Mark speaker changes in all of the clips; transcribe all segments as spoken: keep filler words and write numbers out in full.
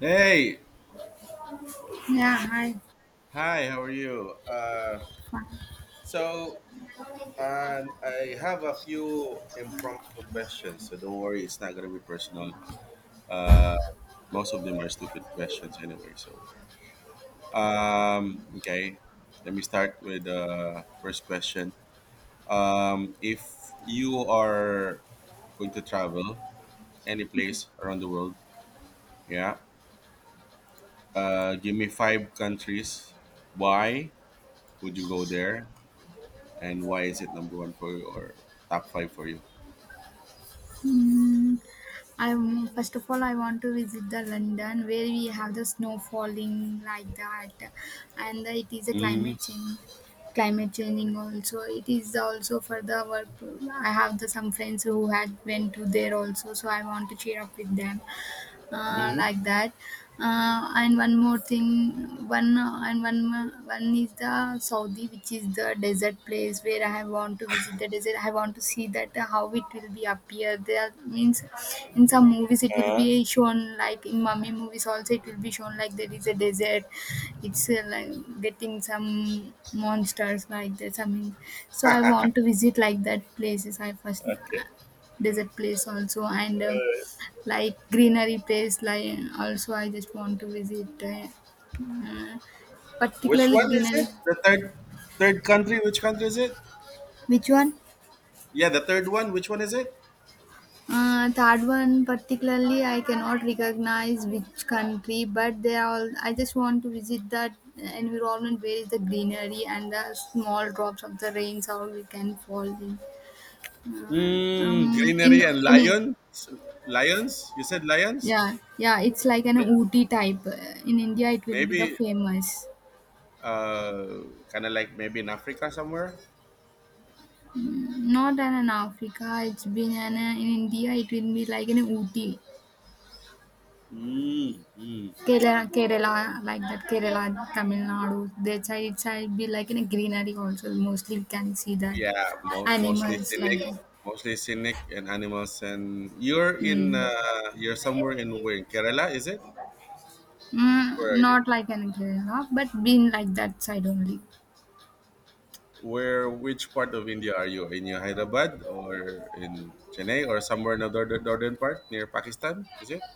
Speaker 1: Hey,
Speaker 2: Yeah, hi.
Speaker 1: hi, how are you? Uh, so um, I have a few impromptu questions, so don't worry, it's not gonna be personal. Uh, Most of them are stupid questions anyway. So um, okay, Let me start with the first question. Um, if you are going to travel any
Speaker 2: Okay.
Speaker 1: place around the world, yeah, uh, give me five countries. Why would you go there? And why is it number one for you or top five for you?
Speaker 2: Mm, I first of all I want to visit the London where we have the snow falling like that, and the, it is a climate change. Climate changing also. It is also for the work. I have the some friends who had went to there also, so I want to cheer up with them. Uh,
Speaker 1: Mm-hmm.
Speaker 2: like that uh, and one more thing one uh, and one mo- one is the saudi, which is the desert place where I have want to visit the desert. I want to see that, uh, how it will be appear there. Means in some movies it will
Speaker 1: Uh,
Speaker 2: be shown, like in mummy movies also it will be shown, like there is a desert. It's uh, like getting some monsters, like that something. So I want to visit like that places. I first
Speaker 1: okay.
Speaker 2: uh, desert place also, and um, like greenery place like also I just want to visit, uh, uh,
Speaker 1: Which
Speaker 2: particularly
Speaker 1: one is
Speaker 2: greenery.
Speaker 1: it? The third third country. Which country is it?
Speaker 2: Which one?
Speaker 1: Yeah, the third one. Which one is it?
Speaker 2: Uh, third one, particularly I cannot recognize which country, but they are all I just want to visit that environment where is the greenery and the small drops of the rains how we can fall in uh,
Speaker 1: Mm,
Speaker 2: um in
Speaker 1: greenery and
Speaker 2: in it.
Speaker 1: lion. Lions. You said lions.
Speaker 2: Yeah, yeah, it's like an
Speaker 1: May-
Speaker 2: ooty type. Uh, in india it will be the
Speaker 1: Maybe
Speaker 2: famous.
Speaker 1: uh, kind of like maybe in Africa somewhere.
Speaker 2: Not an an Africa, it's been an, an in India, it will be like in Ooty,
Speaker 1: Mm, mm.
Speaker 2: Kerala, Kerala, like that, Kerala, Tamil Nadu, that side, it side be like in a greenery also, mostly we can see that
Speaker 1: Yeah, mo- mostly
Speaker 2: animals like
Speaker 1: scenic,
Speaker 2: that.
Speaker 1: mostly scenic and animals. And you're in
Speaker 2: Mm.
Speaker 1: uh, you're somewhere in where in Kerala, is it?
Speaker 2: Mm,
Speaker 1: Where are you?
Speaker 2: not like in Kerala, but been like that side only.
Speaker 1: Where, which part of India are you? In your Hyderabad or in Chennai or somewhere in the northern, northern part near Pakistan? Is it?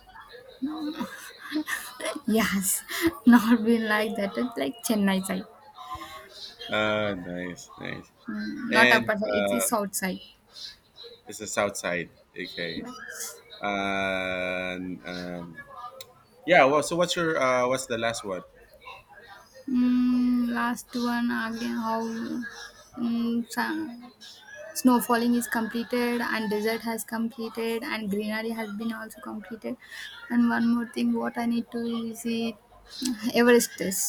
Speaker 2: Yes, not been like that, it's like Chennai side.
Speaker 1: Ah, nice, nice.
Speaker 2: Mm, not
Speaker 1: And
Speaker 2: upper side, it is
Speaker 1: uh,
Speaker 2: south side.
Speaker 1: it's the south side. Okay. And um, Yeah. Well, so what's your uh, what's the last one?
Speaker 2: Mm, last one again, how? Mm, sa- Snow falling is completed, and desert has completed, and greenery has been also completed, and one more thing what I need to visit. Everest is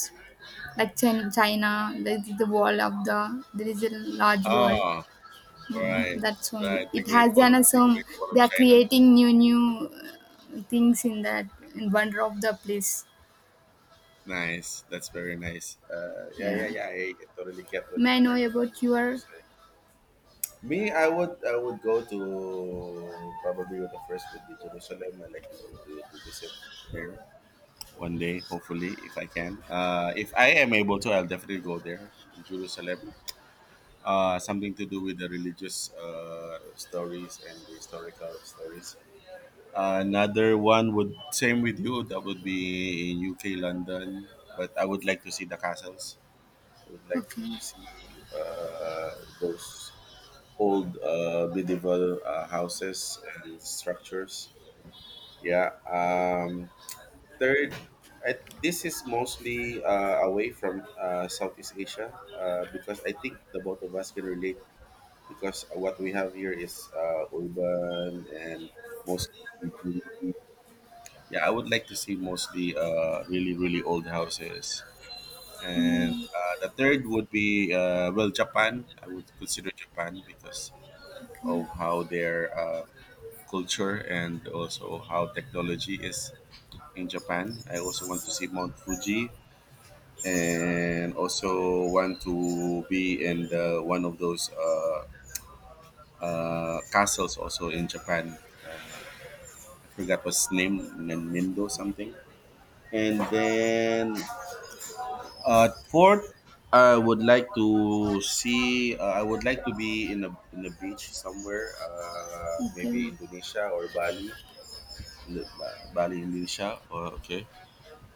Speaker 2: like Chin- china, the, the wall of the, there is a large wall.
Speaker 1: Ah,
Speaker 2: Mm,
Speaker 1: right,
Speaker 2: that's only,
Speaker 1: right. The
Speaker 2: it
Speaker 1: Great
Speaker 2: has
Speaker 1: Wall
Speaker 2: done
Speaker 1: of
Speaker 2: a
Speaker 1: the
Speaker 2: some.
Speaker 1: Great Wall
Speaker 2: They
Speaker 1: of
Speaker 2: are
Speaker 1: China.
Speaker 2: creating new new uh, things in that, in wonder of the place.
Speaker 1: Nice. That's very nice. Uh, yeah,
Speaker 2: Yeah,
Speaker 1: yeah, yeah. I, I totally get what
Speaker 2: may I
Speaker 1: you're
Speaker 2: know
Speaker 1: trying to, to
Speaker 2: about your.
Speaker 1: say. Me, I would I would go to probably the first would be Jerusalem. I like to, to, to visit there one day, hopefully, if I can. Uh, if I am able to, I'll definitely go there in Jerusalem. Uh, something to do with the religious uh, stories and the historical stories. Another one would same with you. That would be in U K, London. But I would like to see the castles. I would like to
Speaker 2: Okay,
Speaker 1: see uh, those old uh, medieval uh, houses and structures. Yeah. Um, third, I, this is mostly uh, away from uh, Southeast Asia uh, because I think the both of us can relate because what we have here is uh, urban and mostly. Yeah, I would like to see mostly uh, really, really old houses. And uh, the third would be, uh, well, Japan. I would consider Japan because of how their uh, culture and also how technology is in Japan. I also want to see Mount Fuji and also want to be in the, one of those uh, uh, castles also in Japan. Uh, I forgot what's name, Nin- Nindo something. And then uh, fourth, I would like to see. Uh, I would like to be in a in a beach somewhere, uh, maybe
Speaker 2: okay,
Speaker 1: Indonesia or Bali, in the, Ba- Bali, Indonesia. Oh, okay.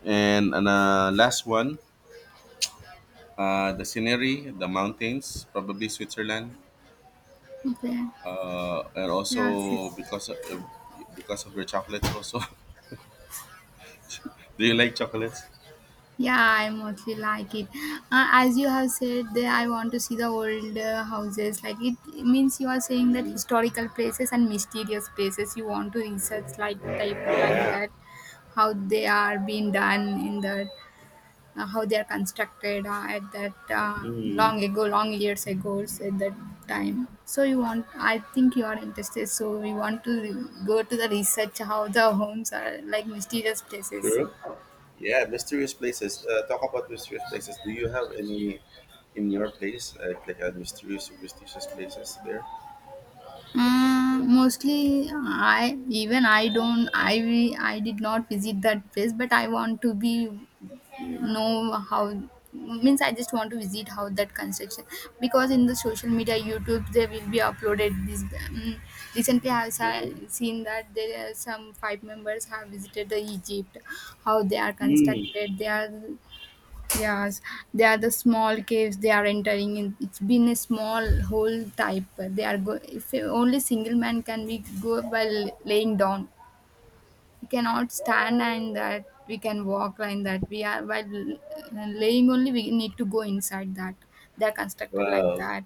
Speaker 1: And and uh, last one, uh, the scenery, the mountains, probably Switzerland,
Speaker 2: okay,
Speaker 1: uh, and
Speaker 2: yeah sis.
Speaker 1: also because of, because of the chocolates. Also, do you like chocolates?
Speaker 2: Yeah, I mostly like it. Uh, as you have said, that I want to see the old uh, houses. Like it means you are saying that historical places and mysterious places. You want to research, like type like that, how they are being done in that, uh, how they are constructed uh, at that, uh,
Speaker 1: Mm,
Speaker 2: long ago, long years ago, so at that time. So you want? I think you are interested. So we want to re- go to the research how the homes are like mysterious places.
Speaker 1: true. Yeah, mysterious places. Uh, talk about mysterious places. Do you have any in your place, uh, like uh, mysterious, superstitious places there?
Speaker 2: Uh, mostly I even I don't I I did not visit that place, but I want to be know how. Means I just want to visit how that construction. Because in the social media, youtube, they will be uploaded this, um, recently I have
Speaker 1: Mm-hmm.
Speaker 2: si- seen that there are some five members have visited the egypt. How they are
Speaker 1: Mm.
Speaker 2: constructed, they are. Yes, they are the small caves they are entering in. It's been a small hole type. They are go. If only single man can we go while laying down. We cannot stand, and that we can walk like that. We are while uh, laying only. We need to go inside that. They are constructed like
Speaker 1: Wow.
Speaker 2: that.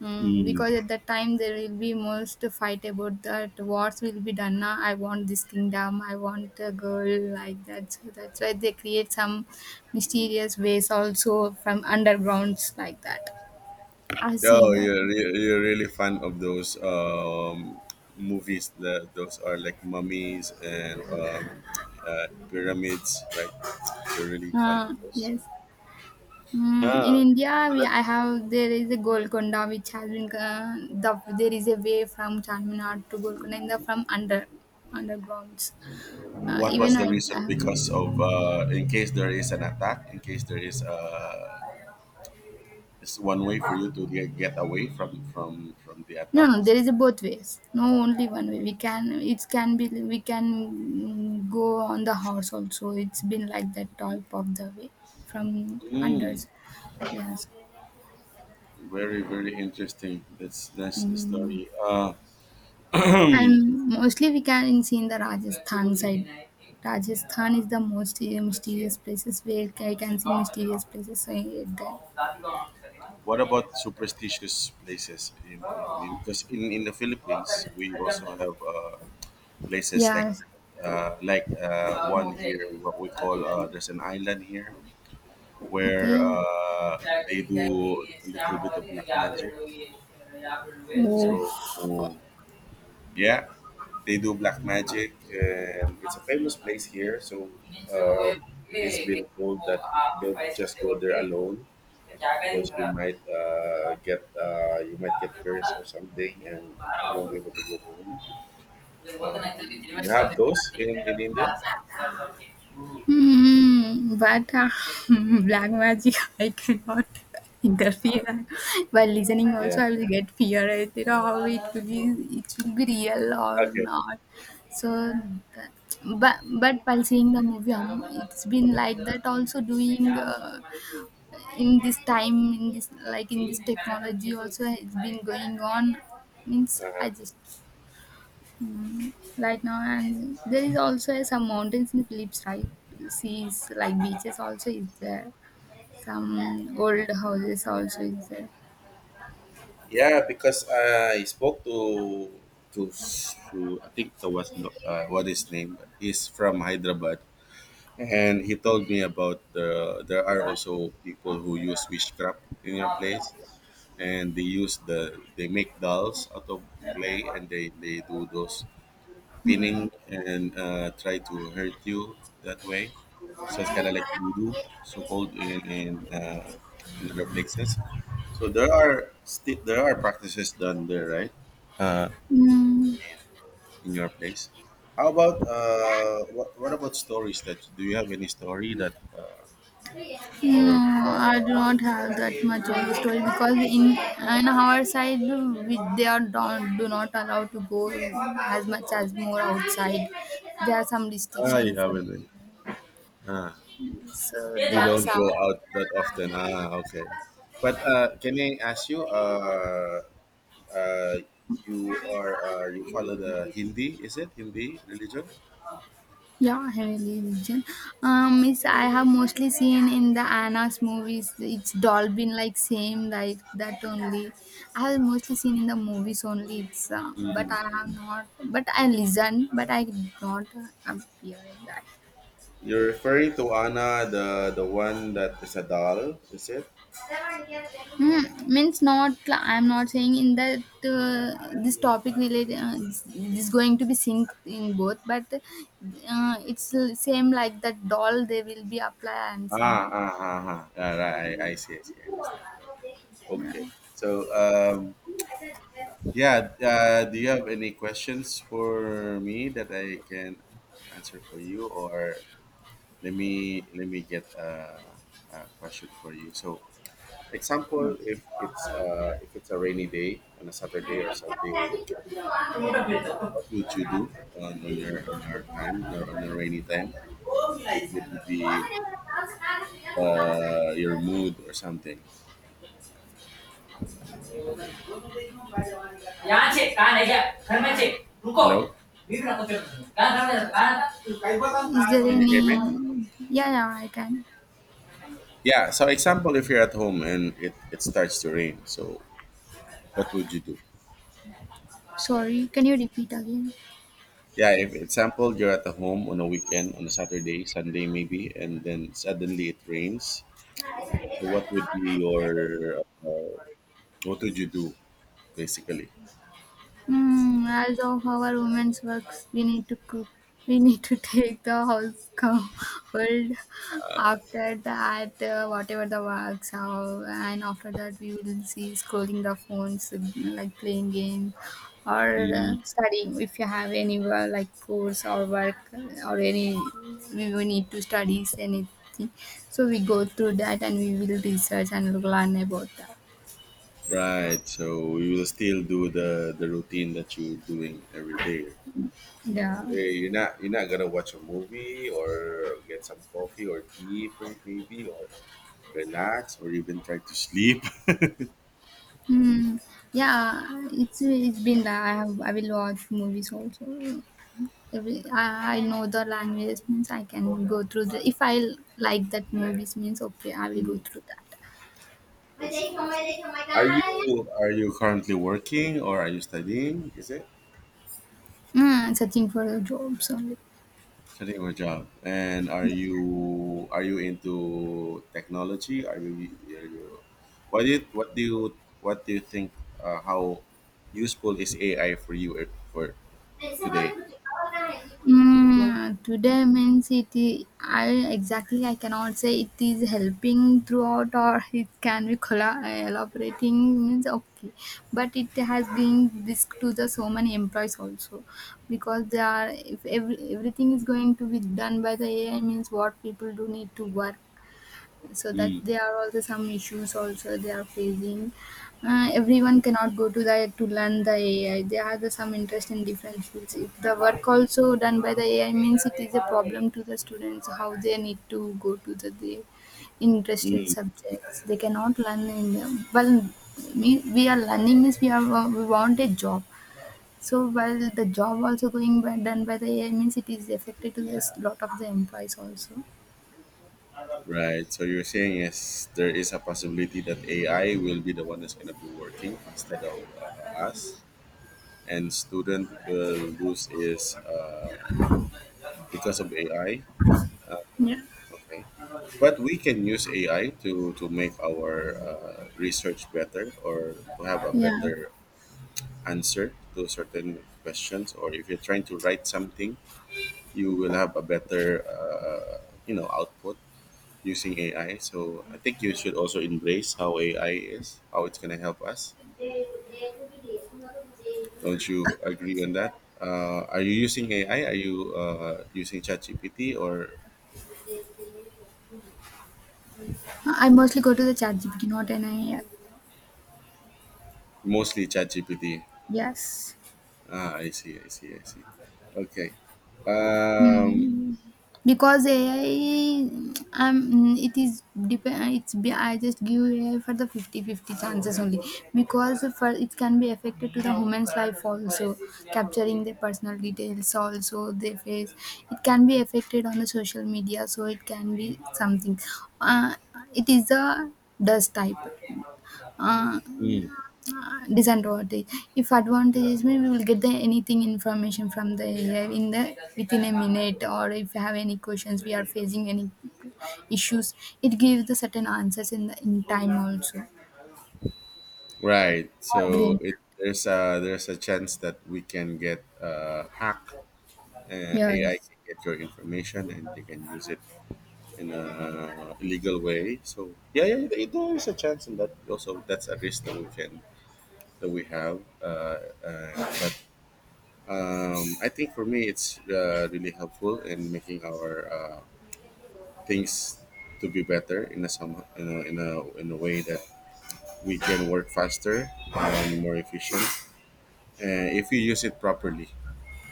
Speaker 2: Mm,
Speaker 1: Mm.
Speaker 2: because at that time there will be most fight about that wars will be done. Now I want this kingdom, I want a girl, like that. So that's why they create some mysterious ways also, from undergrounds, like that. I've
Speaker 1: Oh,
Speaker 2: seen that.
Speaker 1: you're re- you're really fan of those um, movies. That those are like mummies and um, uh, pyramids, right? You're really fan of
Speaker 2: Uh,
Speaker 1: those.
Speaker 2: yes. Mm, in
Speaker 1: Ah,
Speaker 2: India, we, I have there is a Golconda which has been uh, the, there is a way from Charminar to Golconda in the from under undergrounds. Uh,
Speaker 1: what
Speaker 2: even
Speaker 1: was the
Speaker 2: I, I
Speaker 1: reason?
Speaker 2: have.
Speaker 1: Because of uh, in case there is an attack, in case there is uh, it's one way for you to get get away from from from the
Speaker 2: No,
Speaker 1: attack
Speaker 2: no,
Speaker 1: is.
Speaker 2: there is a both ways. No, only one way. We can, it can be, we can go on the horse also. It's been like that type of the way from unders.
Speaker 1: Mm,
Speaker 2: Yes.
Speaker 1: very very interesting. That's that's a
Speaker 2: Mm.
Speaker 1: story. Uh,
Speaker 2: And mostly we can see in the Rajasthan side. Rajasthan is the most uh, mysterious places, where I can see mysterious places. So, uh,
Speaker 1: What
Speaker 2: there.
Speaker 1: about superstitious places? In, in, in, because in, in the Philippines, we also have uh, places like
Speaker 2: Yes.
Speaker 1: uh, like uh, one here, what we call uh, there's an island here where
Speaker 2: Okay.
Speaker 1: uh, they do a little bit of black magic. So yeah, they do black magic, and it's a famous place here. So um, it has been told that don't just go there alone because you might uh, get uh, you might get cursed or something, and you won't be able to go home. Um, do you have those in, in India?
Speaker 2: Hmm, but uh, black magic, I cannot interfere. While listening,
Speaker 1: Yeah.
Speaker 2: also I will get fear. I don't know how it will be. It will be real or
Speaker 1: Okay.
Speaker 2: not. So, th- but but while seeing the movie, um, it's been like that. Also doing uh, in this time, in this like in this technology, also has been going on. Means I just. Mm, right now, and there is also some mountains in Philips right. Seas like beaches also is there, some old houses also is there.
Speaker 1: Yeah, because I spoke to to, to I think it was Lo- uh, what his name is from Hyderabad, and he told me about the there are also people who use witchcraft in your place, and they use the they make dolls out of clay and they they do those
Speaker 2: Mm.
Speaker 1: spinning and uh, try to hurt you that way. So it's kind of like voodoo, so called in in, uh, in other places. So there are still there are practices done there, right? Uh,
Speaker 2: Mm.
Speaker 1: in, in your place. How about uh, what, what about stories that do you have any story that uh,
Speaker 2: No,
Speaker 1: of
Speaker 2: I do
Speaker 1: uh,
Speaker 2: not have that much of the story, because in on our side we, they are don't, do not allow to go as much as more outside. There are some
Speaker 1: Ah, you
Speaker 2: restrictions for,
Speaker 1: haven't been. Ah,
Speaker 2: so there
Speaker 1: you
Speaker 2: are
Speaker 1: don't
Speaker 2: some.
Speaker 1: go out that often. Ah, okay. But uh, can I ask you, uh, uh, you are uh, you follow the Hindi, is it Hindi religion?
Speaker 2: Yeah, heavily vision. Um, it's, I have mostly seen in the Anna's movies. It's dolphin like same like that only. I have mostly seen in the movies only. It's uh, but
Speaker 1: Mm,
Speaker 2: I have
Speaker 1: mm.
Speaker 2: not. But I listen. But I did not uh, appear in that.
Speaker 1: You're referring to Anna, the the one that is a doll, is it?
Speaker 2: Hmm, means not. I'm not saying in that uh, this topic related. Uh, is going to be synced in both. But uh, it's same like that doll. They will be apply and
Speaker 1: Ah, ah,
Speaker 2: sing.
Speaker 1: ah, ah. Yeah, right, I, I see, I see, I understand. Right.
Speaker 2: Yeah.
Speaker 1: Okay. So, um, yeah. Uh, do you have any questions for me that I can answer for you, or let me let me get a, a question for you? So, example, if it's uh, if it's a rainy day on a Saturday or Sunday or weekend, what would you do on, on your on your time or on a rainy time? What would be uh, your mood or something? Hello,
Speaker 2: Is there
Speaker 1: can you hear
Speaker 2: any?
Speaker 1: me?
Speaker 2: Yeah, yeah, I can.
Speaker 1: Yeah. So example, if you're at home and it, it starts to rain, so what would you do?
Speaker 2: Sorry, can you repeat again?
Speaker 1: Yeah. If example, you're at the home on a weekend on a Saturday, Sunday maybe, and then suddenly it rains. So what would be your uh, what would you do basically?
Speaker 2: Mm, as of our women's works, we need to cook. We need to take the house covered, after that, uh, whatever the works are, and after that we will see scrolling the phones, like playing games or uh,
Speaker 1: Mm,
Speaker 2: studying. If you have any uh, like course or work or any, we we need to study anything. So we go through that, and we will research and learn about that.
Speaker 1: right. So you will still do the the routine that you're doing every day.
Speaker 2: Yeah.
Speaker 1: Eh, you're not you're not gonna watch a movie or get some coffee or tea per- maybe or relax or even try to sleep.
Speaker 2: Hmm. Yeah, it's it's been that I have I will watch movies also. Every, I, I know the language means I can go through the, if I like that movies means okay I will go
Speaker 1: Mm,
Speaker 2: through that.
Speaker 1: I see, I see. Are you are you currently working or are you studying? Is it?
Speaker 2: Mm, searching for the jobs only.
Speaker 1: Setting up a job. And are you are you into technology? Are you are you what do you, what do you What do you think uh, how useful is A I for you uh, for today?
Speaker 2: Mm, today means it is, I exactly I cannot say it is helping throughout, or it can be colla- uh, elaborating means okay, but it has been risk to the so many employees also, because they are, if every, everything is going to be done by the A I means what people do need to work. So that
Speaker 1: Mm,
Speaker 2: there are also some issues also they are facing. Uh, everyone cannot go to the, to learn the a i. There are the, some interest in different fields. If the work also done by the ai means it is a problem to the students, how they need to go to the, the interested
Speaker 1: mm,
Speaker 2: subjects they cannot learn in them well. Me, we are learning means we are, we want a job. So while the job also going by, done by the ai means it is affected to this lot of the employees also.
Speaker 1: right. So you're saying is there is a possibility that A I will be the one that's going to be working instead of uh, us, and student will lose is uh, because of A I.
Speaker 2: Yeah.
Speaker 1: Okay. But we can use A I to, to make our uh, research better or to have a
Speaker 2: Yeah,
Speaker 1: better answer to certain questions. Or if you're trying to write something, you will have a better uh, you know output using A I. So I think you should also embrace how A I is, how it's gonna help us. Don't you agree on that? Uh, are you using A I? Are you uh, using ChatGPT or
Speaker 2: I mostly go to the ChatGPT, not an A I.
Speaker 1: mostly ChatGPT?
Speaker 2: Yes.
Speaker 1: Ah, I see, I see, I see. Okay. Um,
Speaker 2: Mm. Because A I, um, mm, it is depend. It's be- I just give A I for the fifty-fifty chances only, because for it can be affected to the human's life also, capturing their personal details also their face. It can be affected on the social media, so it can be something. Uh, it is the dust type. Uh,
Speaker 1: mm,
Speaker 2: disadvantage. If advantage is, maybe we will get the anything information from the A I in the within a minute, or if you have any questions we are facing any issues, it gives the certain answers in the in time also. I
Speaker 1: right. So
Speaker 2: agree.
Speaker 1: it There's a there's a chance that we can get uh, hacked. Uh, A I
Speaker 2: Yes.
Speaker 1: can get your information and they can use it in a illegal way. So yeah, yeah, there there is a chance in that. Also, that's a risk that we can that we have. Uh, uh, but um, I think for me, it's uh, really helpful in making our uh, things to be better in a some in a, in a in a way that we can work faster and more efficient uh, if you use it properly.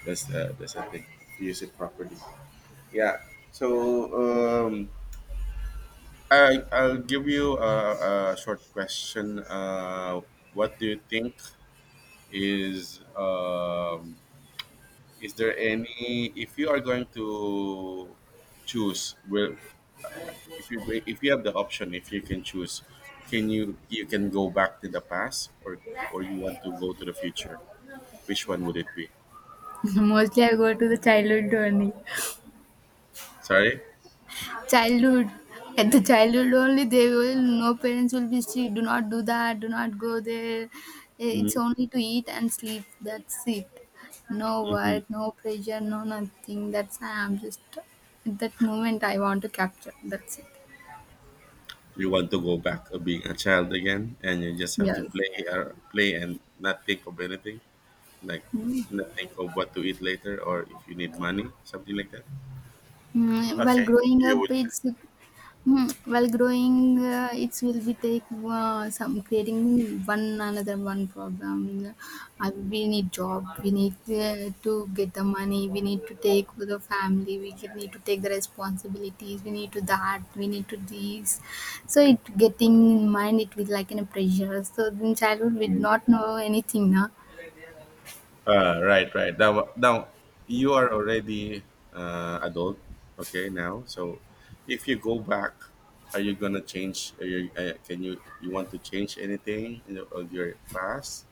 Speaker 1: That's the that's the thing. If you use it properly. Yeah. So um, I I'll give you a, a short question. Uh, what do you think is um, is there any if you are going to choose will if you go- if you have the option if you can choose can you you can go back to the past or or you want to go to the future which one would it be
Speaker 2: Mostly I go to the childhood only.
Speaker 1: sorry.
Speaker 2: Childhood. At the childhood only, they will, no parents will be strict. Do not do that. Do not go there. Eh, it's
Speaker 1: Mm-hmm.
Speaker 2: only to eat and sleep. That's it. No work, no pressure, no nothing. That's I'm just at that moment I want to capture. That's it.
Speaker 1: You want to go back to being a child again, and you just have to
Speaker 2: Yes.
Speaker 1: play, or play, and not think of anything, like not think of what to eat later or if you need money, something like that.
Speaker 2: Mm, while
Speaker 1: Okay,
Speaker 2: growing
Speaker 1: you
Speaker 2: up,
Speaker 1: would.
Speaker 2: it's mm, while growing, uh, it will be take uh, some creating one another one problem. Uh, we need job. We need uh, to get the money. We need to take for the family. We get- need to take the responsibilities. We need to that. We need to these. So it getting in mind. It will like in a pressure. So in childhood, we did not know anything now.
Speaker 1: Uh, right, right. Now, now you are already uh, adult. Okay, now so if you go back, are you gonna change? Are you, uh, can you you want to change anything in your, of your past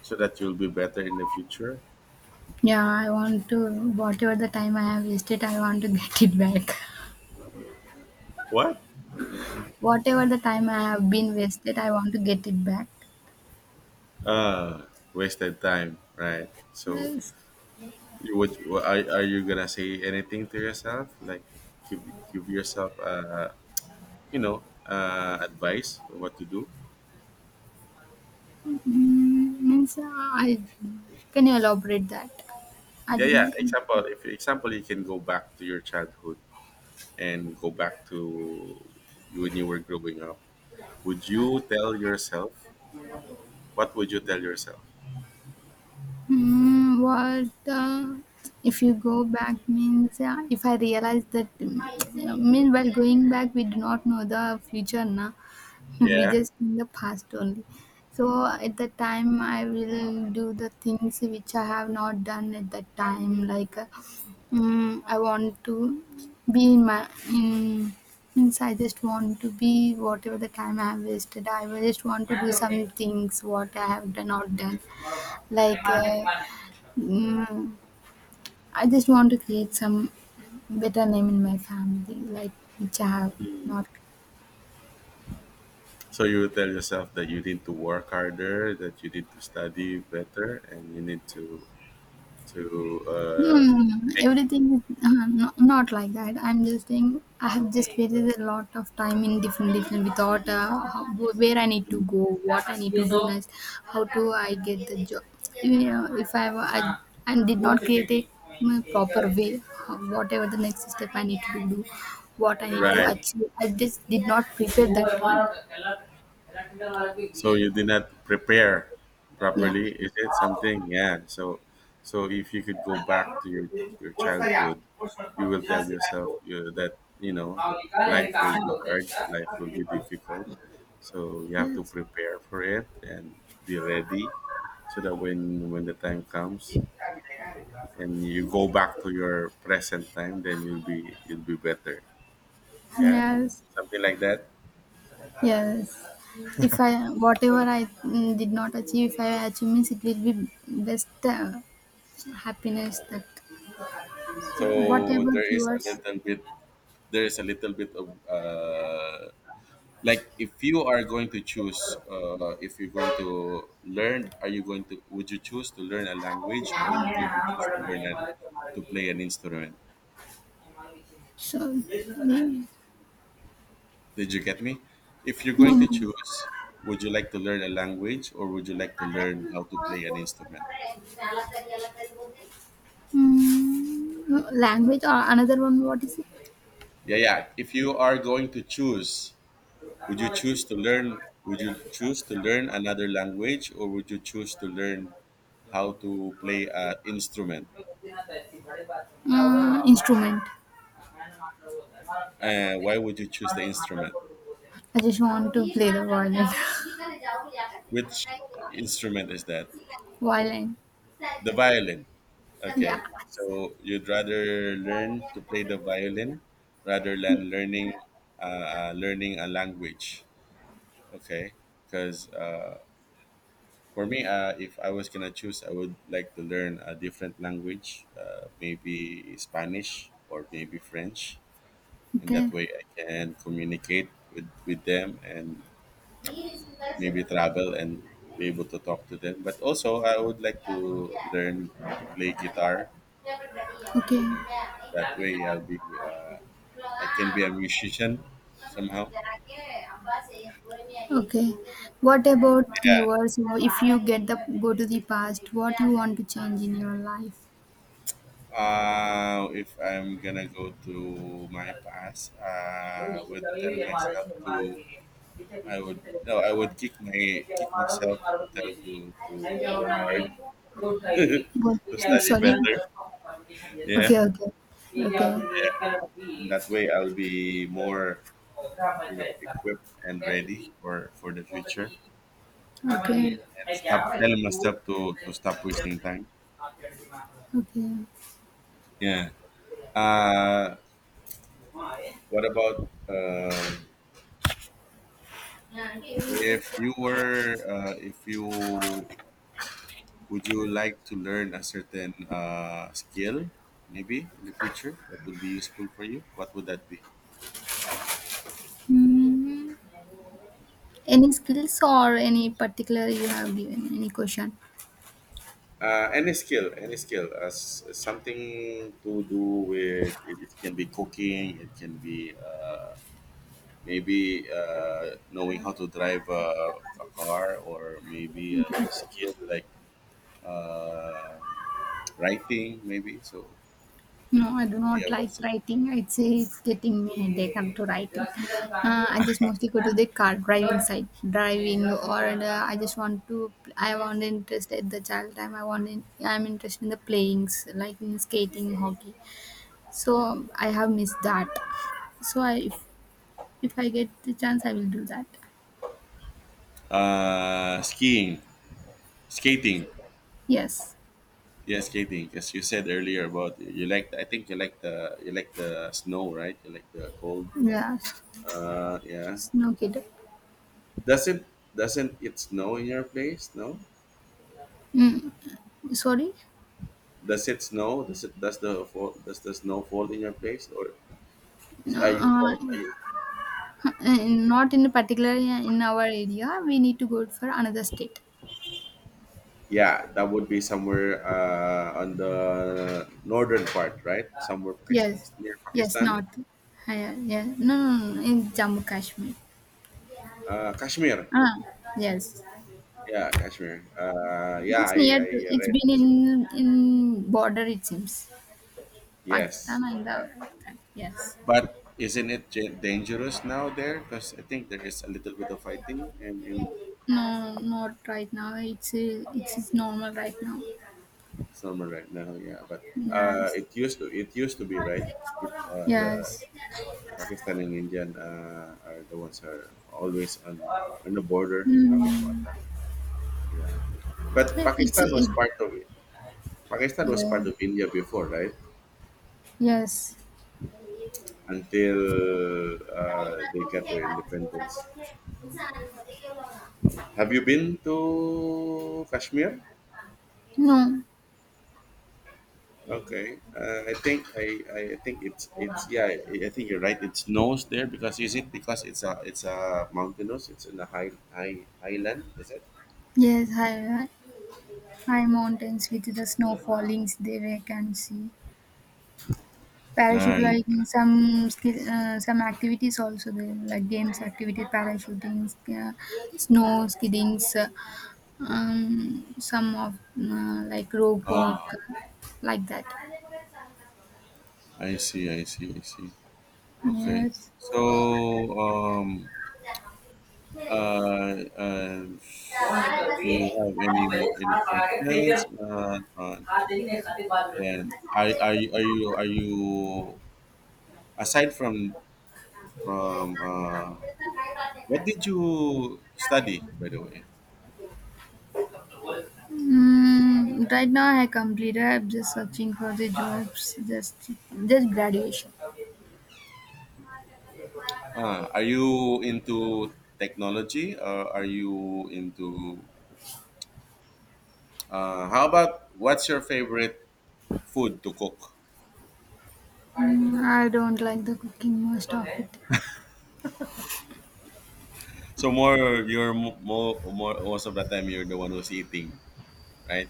Speaker 1: so that you'll be better in the future?
Speaker 2: Yeah, I want to, whatever the time I have wasted, I want to get it back.
Speaker 1: What?
Speaker 2: Whatever the time I have been wasted, I want to get it back.
Speaker 1: Ah, wasted time, right? So,
Speaker 2: Yes.
Speaker 1: you would wha- are, are you gonna say anything to yourself? Like, give give yourself uh you know uh advice on what to do.
Speaker 2: Mm, means uh, I can you elaborate that? I
Speaker 1: Yeah,
Speaker 2: did
Speaker 1: yeah.
Speaker 2: not. Un-
Speaker 1: Example, if example, you can go back to your childhood and go back to when you were growing up. Would you tell yourself? What would you tell yourself?
Speaker 2: Mm, what uh, If you go back, means uh, if I realize that, mm, mean while going back we do not know the future na. We
Speaker 1: Yeah.
Speaker 2: just in the past only. So at the time I will do the things which I have not done at that time. like uh, mm, I want to be in my in, means I just want to be, whatever the time I have wasted I will just want to do some things what I have done not done. like uh, mm, I just want to create some better name in my family, like which I have not
Speaker 1: So you would tell yourself that you need to work harder, that you need to study better, and you need to to uh,
Speaker 2: Hmm, everything is uh, no, not like that. I'm just saying I have just wasted a lot of time in different different without uh, how, where I need to go, what I need to do next, how do I get the job. You know, if I were- I, I did not create it in proper way, how, whatever the next step I need to do, what I need to
Speaker 1: right.
Speaker 2: achieve, I just did not prepare that one.
Speaker 1: So you did not prepare
Speaker 2: Yeah.
Speaker 1: properly, is it something? Yeah, so so if you could go back to your your childhood, you will tell yourself uh, that you know life will be hard, life will be difficult, so you have to
Speaker 2: Yes.
Speaker 1: prepare for it and be ready, so that when when the time comes and you go back to your present time, then you'll be you'll be better. Yeah,
Speaker 2: Yes.
Speaker 1: something like that.
Speaker 2: Yes. If I whatever I mm, did not achieve, if I achieve means it will be best uh, happiness. That, what
Speaker 1: So
Speaker 2: about
Speaker 1: there is a
Speaker 2: yours?
Speaker 1: little bit, there is a little bit of uh, like if you are going to choose, uh, if you're going to learn, are you going to would you choose to learn a language or you're going to choose to learn a, to play an instrument?
Speaker 2: So yeah. No,
Speaker 1: Did you get me? If you're
Speaker 2: no.
Speaker 1: going
Speaker 2: Mm,
Speaker 1: to
Speaker 2: no.
Speaker 1: choose, would you like to learn a language or would you like to learn how to play an instrument?
Speaker 2: Mm, language or another one? What is it?
Speaker 1: Yeah, yeah. If you are going to choose, would you choose to learn, would you choose to learn another language or would you choose to learn how to play an instrument?
Speaker 2: Uh, instrument.
Speaker 1: Uh, why would you choose the instrument?
Speaker 2: I just want to play the violin.
Speaker 1: Which instrument is that?
Speaker 2: Violin.
Speaker 1: The violin.
Speaker 2: Yeah.
Speaker 1: Okay. So you'd rather learn to play the violin rather than learning uh, uh, learning a language. Okay. Because uh. For me, uh, if I was gonna choose, I would like to learn a different language, uh, maybe Spanish or maybe French. In
Speaker 2: Okay.
Speaker 1: that way, I can communicate with, with them and maybe travel and be able to talk to them. But also, I would like to learn to play guitar.
Speaker 2: Okay.
Speaker 1: And that way, I'll be uh, I can be a musician somehow.
Speaker 2: Okay. What about
Speaker 1: Yeah.
Speaker 2: yourself? If you get the Go to the past, what you want to change in your life?
Speaker 1: Uh, if I'm gonna go to my past, uh, I would tell myself to I would no, I would kick my kick myself to tell to to, to work hard,
Speaker 2: What?
Speaker 1: to study
Speaker 2: Sorry. Okay.
Speaker 1: better.
Speaker 2: Okay.
Speaker 1: Yeah,
Speaker 2: Okay. Okay.
Speaker 1: yeah. That way, I'll be more you know equipped and ready for for the future. And stop telling myself to to stop wasting time.
Speaker 2: Okay.
Speaker 1: Yeah. Uh, what about uh, if you were uh, if you would you like to learn a certain uh, skill maybe in the future that would be useful for you? What would that be?
Speaker 2: Hmm. Any skills or any particular you have given? Any question?
Speaker 1: Uh, any skill, any skill, uh, s- something to do with it, it can be cooking, it can be uh, maybe uh, knowing how to drive a, a car, or maybe a skill like uh, writing, maybe. So
Speaker 2: No, I do not
Speaker 1: yeah,
Speaker 2: like
Speaker 1: but,
Speaker 2: writing. I'd say it's getting me a headache up to writing. Uh, I just mostly go to the car driving side, driving, or uh, I just want to. I want interest at the child time. I want. In, I'm interested in the playings, like in skating, hockey. So I have missed that. So I, if if I get the chance, I will do that.
Speaker 1: uh, skiing, skating,
Speaker 2: Yes.
Speaker 1: yeah, skating. As you said earlier about you like, I think you like the you like the snow, right? You like the cold.
Speaker 2: Yes.
Speaker 1: Uh, yeah.
Speaker 2: Snow kid.
Speaker 1: Does it doesn't it snow in your place? No.
Speaker 2: Mm. Sorry.
Speaker 1: Does it snow? Does it does the fall does the snow fall in your place or is,
Speaker 2: No.
Speaker 1: are you quite are
Speaker 2: Uh,
Speaker 1: you?
Speaker 2: not in particular uh, in our area. We need to go for another state.
Speaker 1: Yeah, that would be somewhere uh, on the northern part, right? Somewhere Pakistan,
Speaker 2: Yes,
Speaker 1: near
Speaker 2: yes,
Speaker 1: Pakistan,
Speaker 2: not. Yeah, yeah. No, no, no, in Jammu Kashmir.
Speaker 1: uh, Kashmir.
Speaker 2: Ah, yes.
Speaker 1: Yeah, Kashmir. Uh, yeah,
Speaker 2: Means
Speaker 1: I,
Speaker 2: near to.
Speaker 1: I
Speaker 2: It's
Speaker 1: read.
Speaker 2: been in in border. It seems
Speaker 1: Yes,
Speaker 2: Pakistan and the
Speaker 1: uh,
Speaker 2: yes.
Speaker 1: but isn't it ja- dangerous now there? Because I think there is a little bit of fighting in in
Speaker 2: No, not right now. It's uh, it's normal right now.
Speaker 1: summer right now. Yeah, but uh,
Speaker 2: Yes,
Speaker 1: it used to it used to be right. It, uh, the
Speaker 2: yes.
Speaker 1: Pakistan and Indian uh, are the ones who are always on on the border having
Speaker 2: Hmm.
Speaker 1: contact. Yeah, but
Speaker 2: It's
Speaker 1: Pakistan was
Speaker 2: it,
Speaker 1: part of it. Pakistan was
Speaker 2: yeah.
Speaker 1: part of India before, right?
Speaker 2: Yes.
Speaker 1: Until uh, they got their independence. Have you been to Kashmir?
Speaker 2: No.
Speaker 1: Okay, uh, I think I, I I think it's it's yeah I I think you're right. It's nose there because is it because it's a it's a mountainous? It's in the high high highland. Is it?
Speaker 2: Yes, high, high high mountains with the snow fallings they we can see. Parachute
Speaker 1: Right.
Speaker 2: like in some skill, uh, some activities also there like games activity parachuting, uh, snow skiddings, uh, um, some of uh, like rope walk
Speaker 1: Ah,
Speaker 2: like that.
Speaker 1: I see, I see, I see. Okay.
Speaker 2: Yes.
Speaker 1: So, um, uh, uh, do you have any more any questions? Uh, uh, and are, are you are you are you aside from from uh, what did you study, by the way?
Speaker 2: Mm, right now I completed. I'm just searching for the jobs. Just just graduation.
Speaker 1: Ah, are you into technology? Or are you into? Uh, how about what's your favorite food to cook?
Speaker 2: Mm, I don't like the cooking most of it.
Speaker 1: So more, you're mo- more, more most of the time you're the one who's eating, right?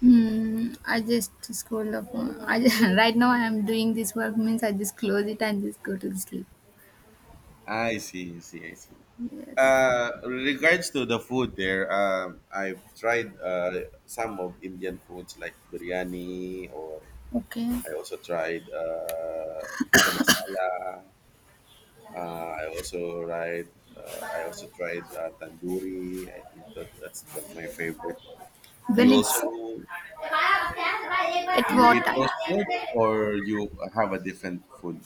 Speaker 2: Hmm. I just scroll up. I just, right now I am doing this work means I just close it and just go to the sleep.
Speaker 1: I see, I see, I see.
Speaker 2: Yes.
Speaker 1: Uh, regards to the food there, um, I've tried uh, some of Indian foods like biryani, or
Speaker 2: Okay.
Speaker 1: I also tried uh, tikka masala. Uh, I also tried. Uh, I also tried uh, tandoori. I think that that's the, my favorite one. Do
Speaker 2: When
Speaker 1: you also
Speaker 2: it's at
Speaker 1: you
Speaker 2: what
Speaker 1: eat
Speaker 2: time?
Speaker 1: those food or you have a different food?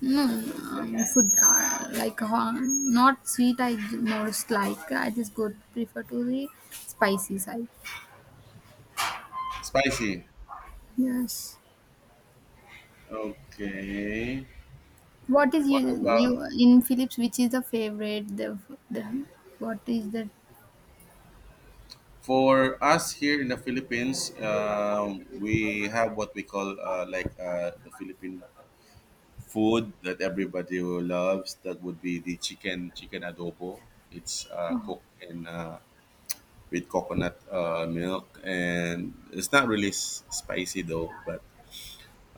Speaker 2: No, um, food uh, like uh, not sweet. I j- most like I just go prefer to the spicy side.
Speaker 1: Spicy.
Speaker 2: Yes.
Speaker 1: Okay.
Speaker 2: What is
Speaker 1: What
Speaker 2: you
Speaker 1: about
Speaker 2: you in Philips? Which is the favorite? The the what is the
Speaker 1: for us here in the Philippines? Um, we have what we call uh, like uh, the Philippine food that everybody loves. That would be the chicken chicken adobo. It's uh, cooked in uh, with coconut uh, milk, and it's not really s- spicy though, but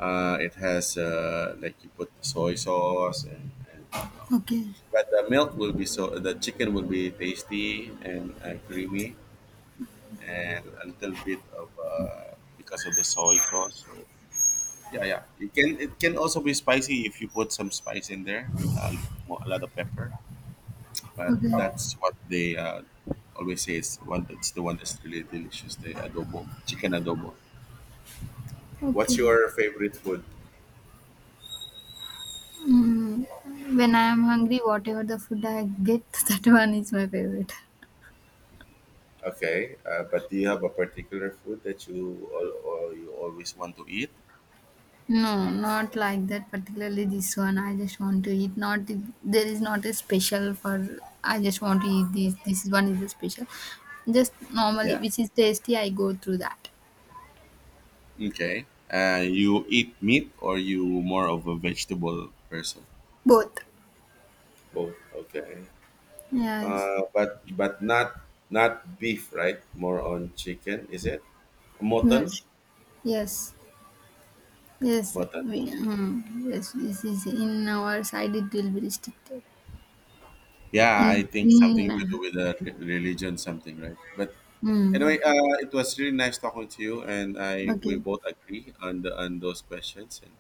Speaker 1: uh, it has uh, like you put soy sauce and. and uh,
Speaker 2: Okay,
Speaker 1: but the milk will be so the chicken will be tasty and uh, creamy and a little bit of uh, because of the soy sauce. So yeah, yeah. It can it can also be spicy if you put some spice in there, uh, like mo- a lot of pepper. But
Speaker 2: okay,
Speaker 1: that's what they uh, always say is one that's the one that's really delicious, the adobo, chicken adobo. What's
Speaker 2: okay.
Speaker 1: your favorite food?
Speaker 2: Mm, when I am hungry, whatever the food I get, that one is my favorite.
Speaker 1: Okay, uh, but do you have a particular food that you all, or you always want to eat?
Speaker 2: No, not like that. Particularly this one, I just want to eat. Not there is not a special for. I just want to eat this. This one is a special. Just normally,
Speaker 1: Yeah,
Speaker 2: which is tasty, I go through that.
Speaker 1: okay, uh, you eat meat or you more of a vegetable person?
Speaker 2: Both.
Speaker 1: Both, okay,
Speaker 2: Yes.
Speaker 1: uh, but but not not beef, right? More on chicken, is it mutton?
Speaker 2: Yes. Yes. Yes.
Speaker 1: Mutton,
Speaker 2: We,
Speaker 1: okay.
Speaker 2: mm, yes. This is in our side. It will be restricted.
Speaker 1: Yeah,
Speaker 2: In
Speaker 1: I think
Speaker 2: in
Speaker 1: something to do
Speaker 2: Manhattan.
Speaker 1: with the re- religion, something, right? But
Speaker 2: Mm,
Speaker 1: anyway, uh, it was really nice talking to you, and I we
Speaker 2: okay.
Speaker 1: both agree on the on those questions. And